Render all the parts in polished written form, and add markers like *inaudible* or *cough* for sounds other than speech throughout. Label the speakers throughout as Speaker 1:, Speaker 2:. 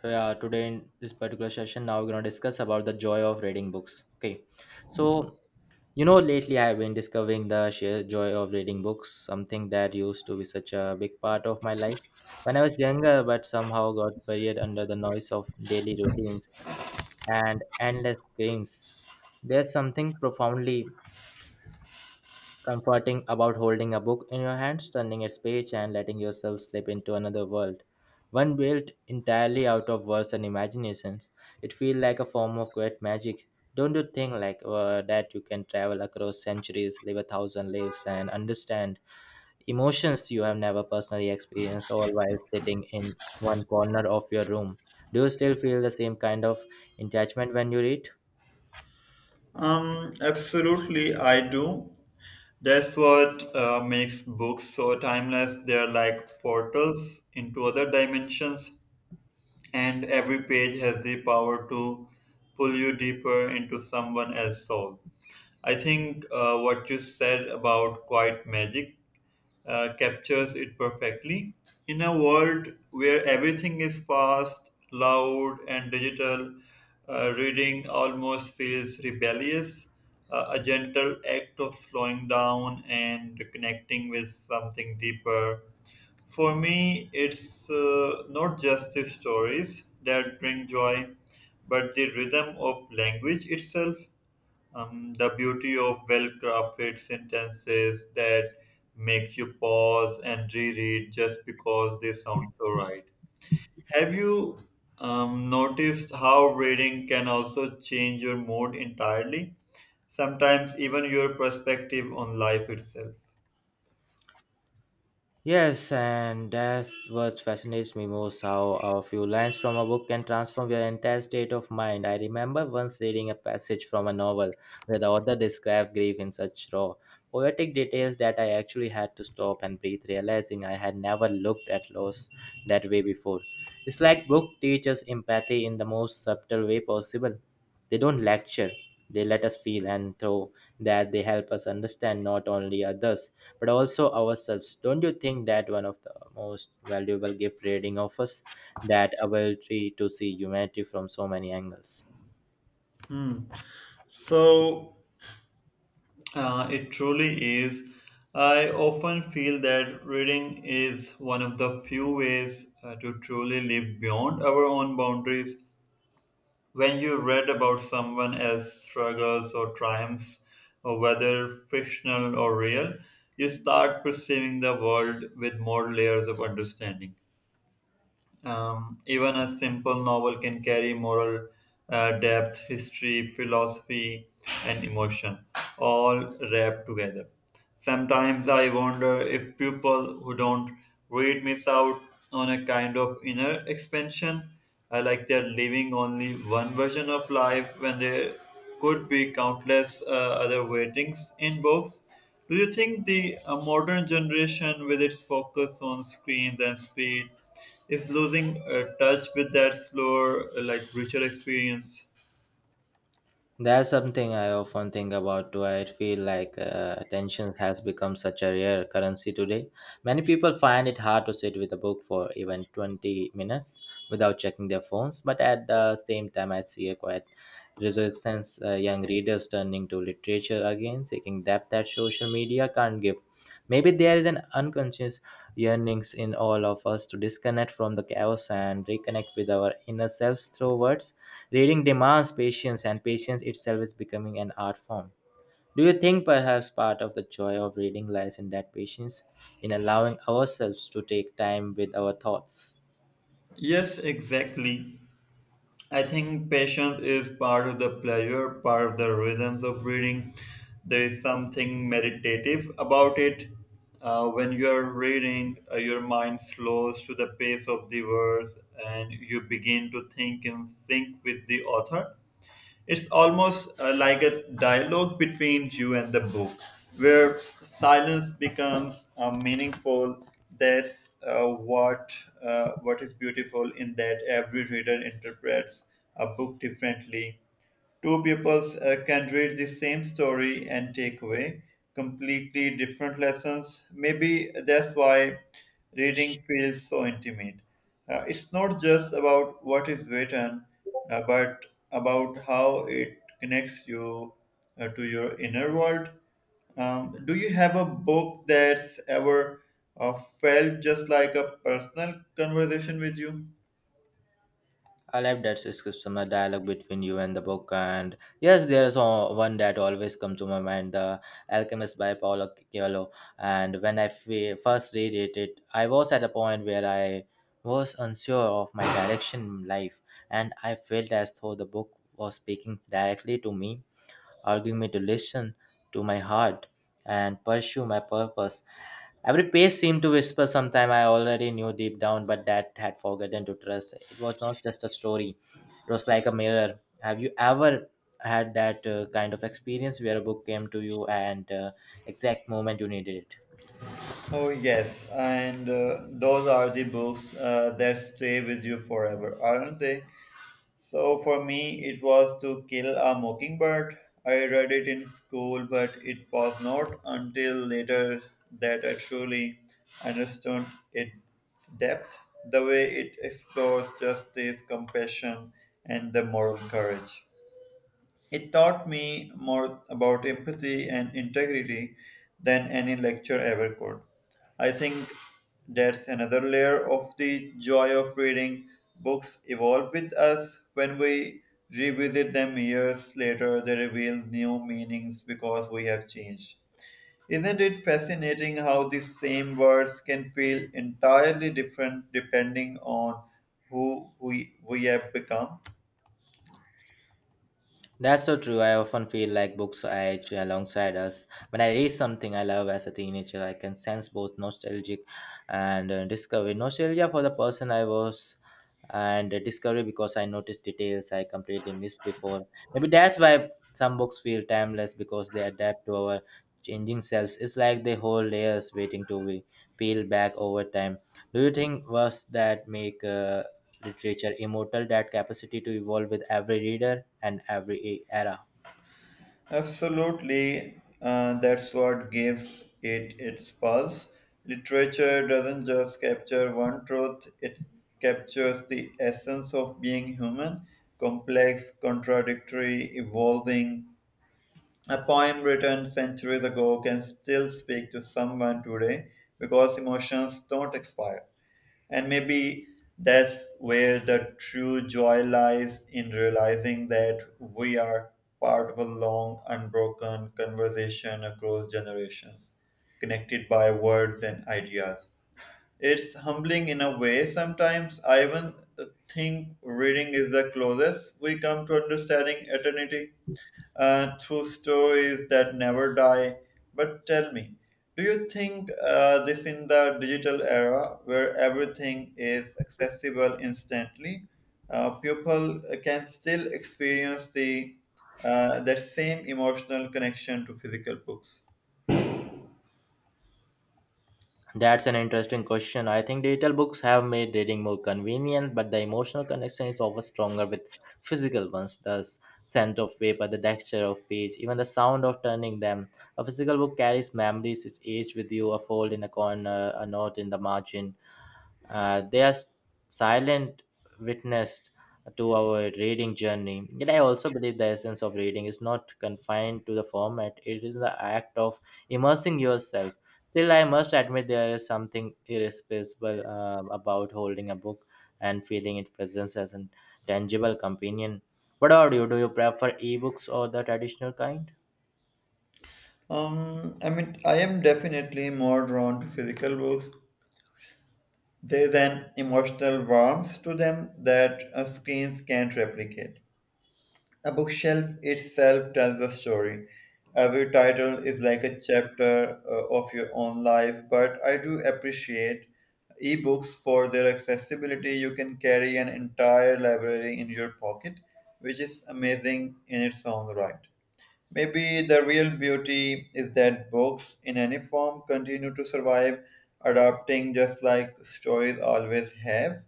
Speaker 1: So, yeah, today in this particular session now we're going to discuss about the joy of reading books, okay. So lately I've been discovering the sheer joy of reading books, something that used to be such a big part of my life when I was younger, but somehow got buried under the noise of daily routines and endless screens. There's something profoundly comforting about holding a book in your hands, turning its page, and letting yourself slip into another world. One built entirely out of words and imaginations. It feels like a form of great magic. Don't you think, like that you can travel across centuries, live a thousand lives, and understand emotions you have never personally experienced, all while sitting in one corner of your room? Do you still feel the same kind of attachment when you read?
Speaker 2: Absolutely, I do. That's what makes books so timeless. They're like portals into other dimensions, and every page has the power to pull you deeper into someone else's soul. I think what you said about quiet magic captures it perfectly. In a world where everything is fast, loud, and digital, reading almost feels rebellious, a gentle act of slowing down and connecting with something deeper. For me, it's not just the stories that bring joy, but the rhythm of language itself the beauty of well-crafted sentences that make you pause and reread just because they sound so right. Have you noticed how reading can also change your mood entirely? Sometimes even your perspective on life itself.
Speaker 1: Yes, and that's what fascinates me most, how a few lines from a book can transform your entire state of mind. I remember once reading a passage from a novel where the author described grief in such raw, poetic details that I actually had to stop and breathe, realizing I had never looked at loss that way before. It's like book teaches empathy in the most subtle way possible. They don't lecture, they let us feel, and through that, they help us understand not only others but also ourselves. Don't you think that one of the most valuable gift reading offers, that ability to see humanity from so many angles?
Speaker 2: Hmm. So it truly is. I often feel that reading is one of the few ways to truly live beyond our own boundaries. When you read about someone else's struggles or triumphs, or whether fictional or real, you start perceiving the world with more layers of understanding. Even a simple novel can carry moral depth, history, philosophy, and emotion, all wrapped together. Sometimes I wonder if people who don't read miss out on a kind of inner expansion. I like they're living only one version of life when there could be countless other weightings in books. Do you think the modern generation, with its focus on screens and speed, is losing touch with that slower, like richer experience?
Speaker 1: That's something I often think about too. I feel like attention has become such a rare currency today. Many people find it hard to sit with a book for even 20 minutes without checking their phones, but at the same time, I see a quite resistance, young readers turning to literature again, seeking depth that social media can't give. Maybe there is an unconscious yearnings in all of us to disconnect from the chaos and reconnect with our inner selves through words. Reading demands patience, and patience itself is becoming an art form. Do you think perhaps part of the joy of reading lies in that patience, in allowing ourselves to take time with our thoughts?
Speaker 2: Yes, exactly. I think patience is part of the pleasure, part of the rhythms of reading. There is something meditative about it. When you are reading, your mind slows to the pace of the verse and you begin to think and sync with the author. It's almost like a dialogue between you and the book, where silence becomes meaningful. That's what is beautiful in that every reader interprets a book differently. Two pupils can read the same story and take away completely different lessons. Maybe that's why reading feels so intimate. It's not just about what is written, but about how it connects you to your inner world. Do you have a book that's ever felt just like a personal conversation with you?
Speaker 1: I love that discussion, a dialogue between you and the book. And yes, there's one that always comes to my mind, The Alchemist by Paulo Coelho. And when I first read it, it, I was at a point where I was unsure of my direction in life. And I felt as though the book was speaking directly to me, urging me to listen to my heart and pursue my purpose. Every page seemed to whisper sometime I already knew deep down, but that had forgotten to trust. It was not just a story, it was like a mirror. Have you ever had that kind of experience where a book came to you and exact moment you needed it?
Speaker 2: Oh, yes. And those are the books that stay with you forever, aren't they? So for me, it was To Kill a Mockingbird. I read it in school, but it was not until later that I truly understood its depth, the way it explores justice, compassion, and the moral courage. It taught me more about empathy and integrity than any lecture ever could. I think that's another layer of the joy of reading. Books evolve with us. When we revisit them years later, they reveal new meanings because we have changed. Isn't it fascinating how the same words can feel entirely different depending on who we have become?
Speaker 1: That's so true. I often feel like books age alongside us. When I read something I love as a teenager, I can sense both nostalgic and discovery. Nostalgia for the person I was and discovery because I noticed details I completely missed before. Maybe that's why some books feel timeless, because they adapt to our changing selves. It's like they hold layers waiting to be peeled back over time. Do you think was that make literature immortal? That capacity to evolve with every reader and every era.
Speaker 2: Absolutely, that's what gives it its pulse. Literature doesn't just capture one truth, it captures the essence of being human complex, contradictory, evolving. A poem written centuries ago can still speak to someone today because emotions don't expire. And maybe that's where the true joy lies in realizing that we are part of a long, unbroken conversation across generations, connected by words and ideas. It's humbling in a way. Sometimes I even think reading is the closest we come to understanding eternity through stories that never die. But tell me, do you think this in the digital era where everything is accessible instantly, people can still experience the that same emotional connection to physical books?
Speaker 1: That's an interesting question. I think digital books have made reading more convenient, but the emotional connection is often stronger with physical ones. The scent of paper, the texture of page, even the sound of turning them. A physical book carries memories, it's aged with you, a fold in a corner, a note in the margin. They are silent witness to our reading journey. Yet I also believe the essence of reading is not confined to the format, it is the act of immersing yourself. Still, I must admit there is something irreplaceable about holding a book and feeling its presence as a tangible companion. What about you? Do you prefer ebooks or the traditional kind?
Speaker 2: I mean, I am definitely more drawn to physical books. There is an emotional warmth to them that screens can't replicate. A bookshelf itself tells a story. Every title is like a chapter of your own life, but I do appreciate ebooks for their accessibility. You can carry an entire library in your pocket, which is amazing in its own right. Maybe the real beauty is that books in any form continue to survive, adapting just like stories always have.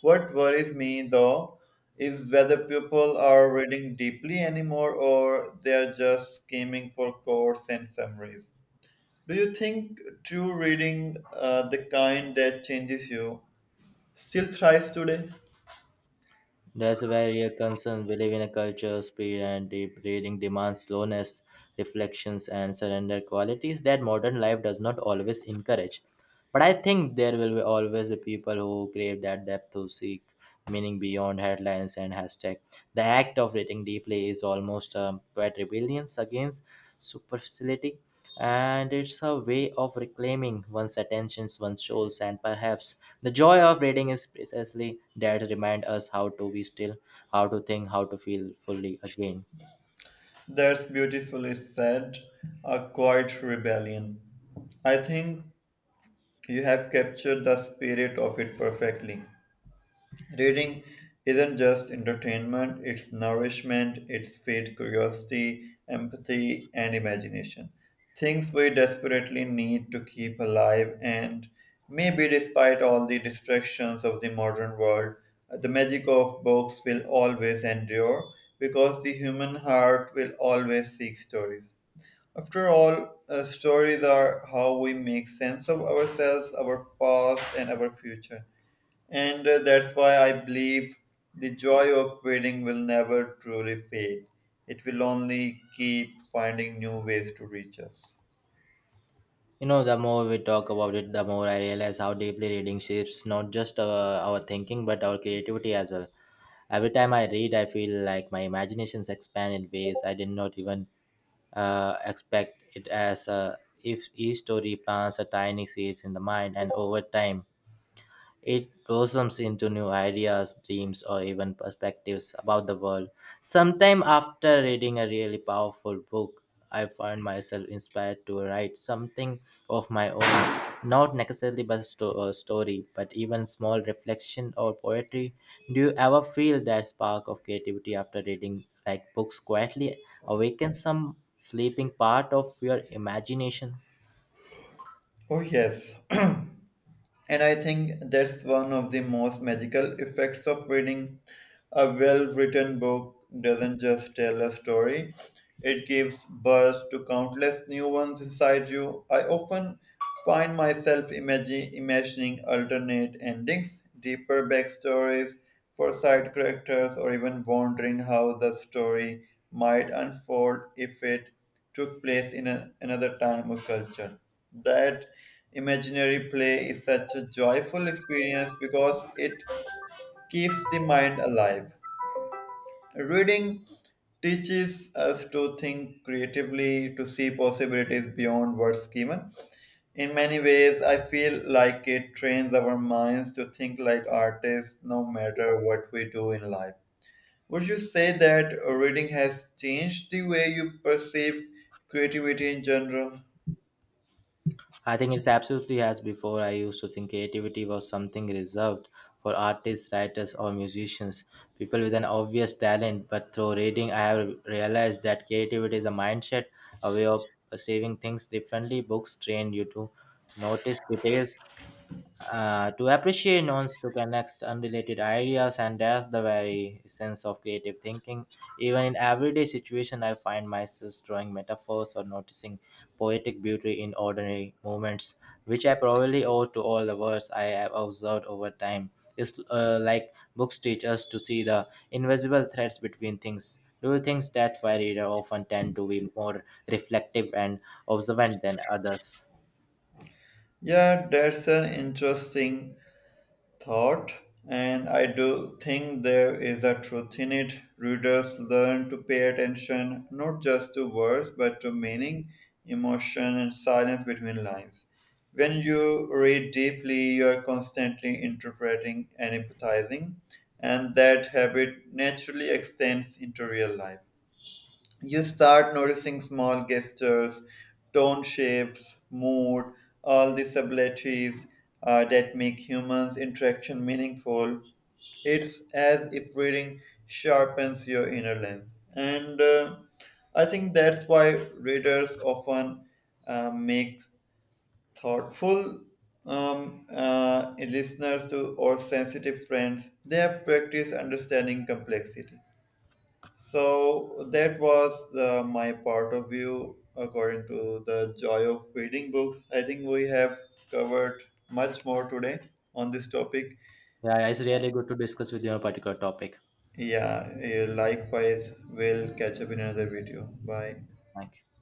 Speaker 2: What worries me though is whether people are reading deeply anymore or they're just skimming for quotes and summaries. Do you think true reading, the kind that changes you, still thrives today?
Speaker 1: That's a very real concern. We live in a culture, speed and deep reading demands slowness, reflections, and surrender qualities that modern life does not always encourage. But I think there will be always be people who crave that depth, to seek meaning beyond headlines and hashtag. The act of reading deeply is almost a quiet rebellion against superficiality, and it's a way of reclaiming one's attentions, one's souls, and perhaps the joy of reading is precisely that, remind us how to be still, how to think, how to feel fully again.
Speaker 2: That's beautifully said, a quiet rebellion. I think you have captured the spirit of it perfectly. Reading isn't just entertainment, it's nourishment, it's feeds curiosity, empathy, and imagination. Things we desperately need to keep alive, and maybe despite all the distractions of the modern world, the magic of books will always endure because the human heart will always seek stories. After all, stories are how we make sense of ourselves, our past, and our future. And that's why I believe the joy of wedding will never truly fade. It will only keep finding new ways to reach us.
Speaker 1: You know, the more we talk about it, the more I realize how deeply reading shapes not just our thinking but our creativity as well. Every time I read, I feel like my imaginations expand in ways I did not even expect. It as if each story plants a tiny seeds in the mind, and over time it blossoms into new ideas, dreams, or even perspectives about the world. Sometime after reading a really powerful book, I find myself inspired to write something of my own, not necessarily but a story, but even small reflection or poetry. Do you ever feel that spark of creativity after reading, like books quietly awaken some sleeping part of your imagination?
Speaker 2: Oh, yes. *clears throat* And I think that's one of the most magical effects of reading. A well written book doesn't just tell a story, it gives birth to countless new ones inside you. I often find myself imagining alternate endings, deeper backstories for side characters, or even wondering how the story might unfold if it took place in another time or culture. That imaginary play is such a joyful experience because it keeps the mind alive. Reading teaches us to think creatively, to see possibilities beyond what's given. In many ways, I feel like it trains our minds to think like artists no matter what we do in life. Would you say that reading has changed the way you perceive creativity in general?
Speaker 1: I think it's absolutely as before. I used to think creativity was something reserved for artists, writers, or musicians, people with an obvious talent. But through reading, I have realized that creativity is a mindset, a way of perceiving things differently. Books train you to notice details, to appreciate nouns, to connect unrelated ideas, and that's the very sense of creative thinking. Even in everyday situation I find myself drawing metaphors or noticing poetic beauty in ordinary moments, which I probably owe to all the words I have observed over time. It's like books teach us to see the invisible threads between things. Do you think that why reader often tend to be more reflective and observant than others?
Speaker 2: Yeah, that's an interesting thought, and I do think there is a truth in it. Readers learn to pay attention not just to words but to meaning, emotion, and silence between lines. When you read deeply, you are constantly interpreting and empathizing, and that habit naturally extends into real life. You start noticing small gestures, tone shifts, mood, all the subtleties that make humans' interaction meaningful. It's as if reading sharpens your inner lens. And I think that's why readers often make thoughtful listeners to or sensitive friends. They have practiced understanding complexity. So that was my part of view according to the joy of reading books. I think we have covered much more today on this topic.
Speaker 1: Yeah, it's really good to discuss with you on a particular topic.
Speaker 2: Yeah, likewise, we'll catch up in another video. Bye.
Speaker 1: Thank you.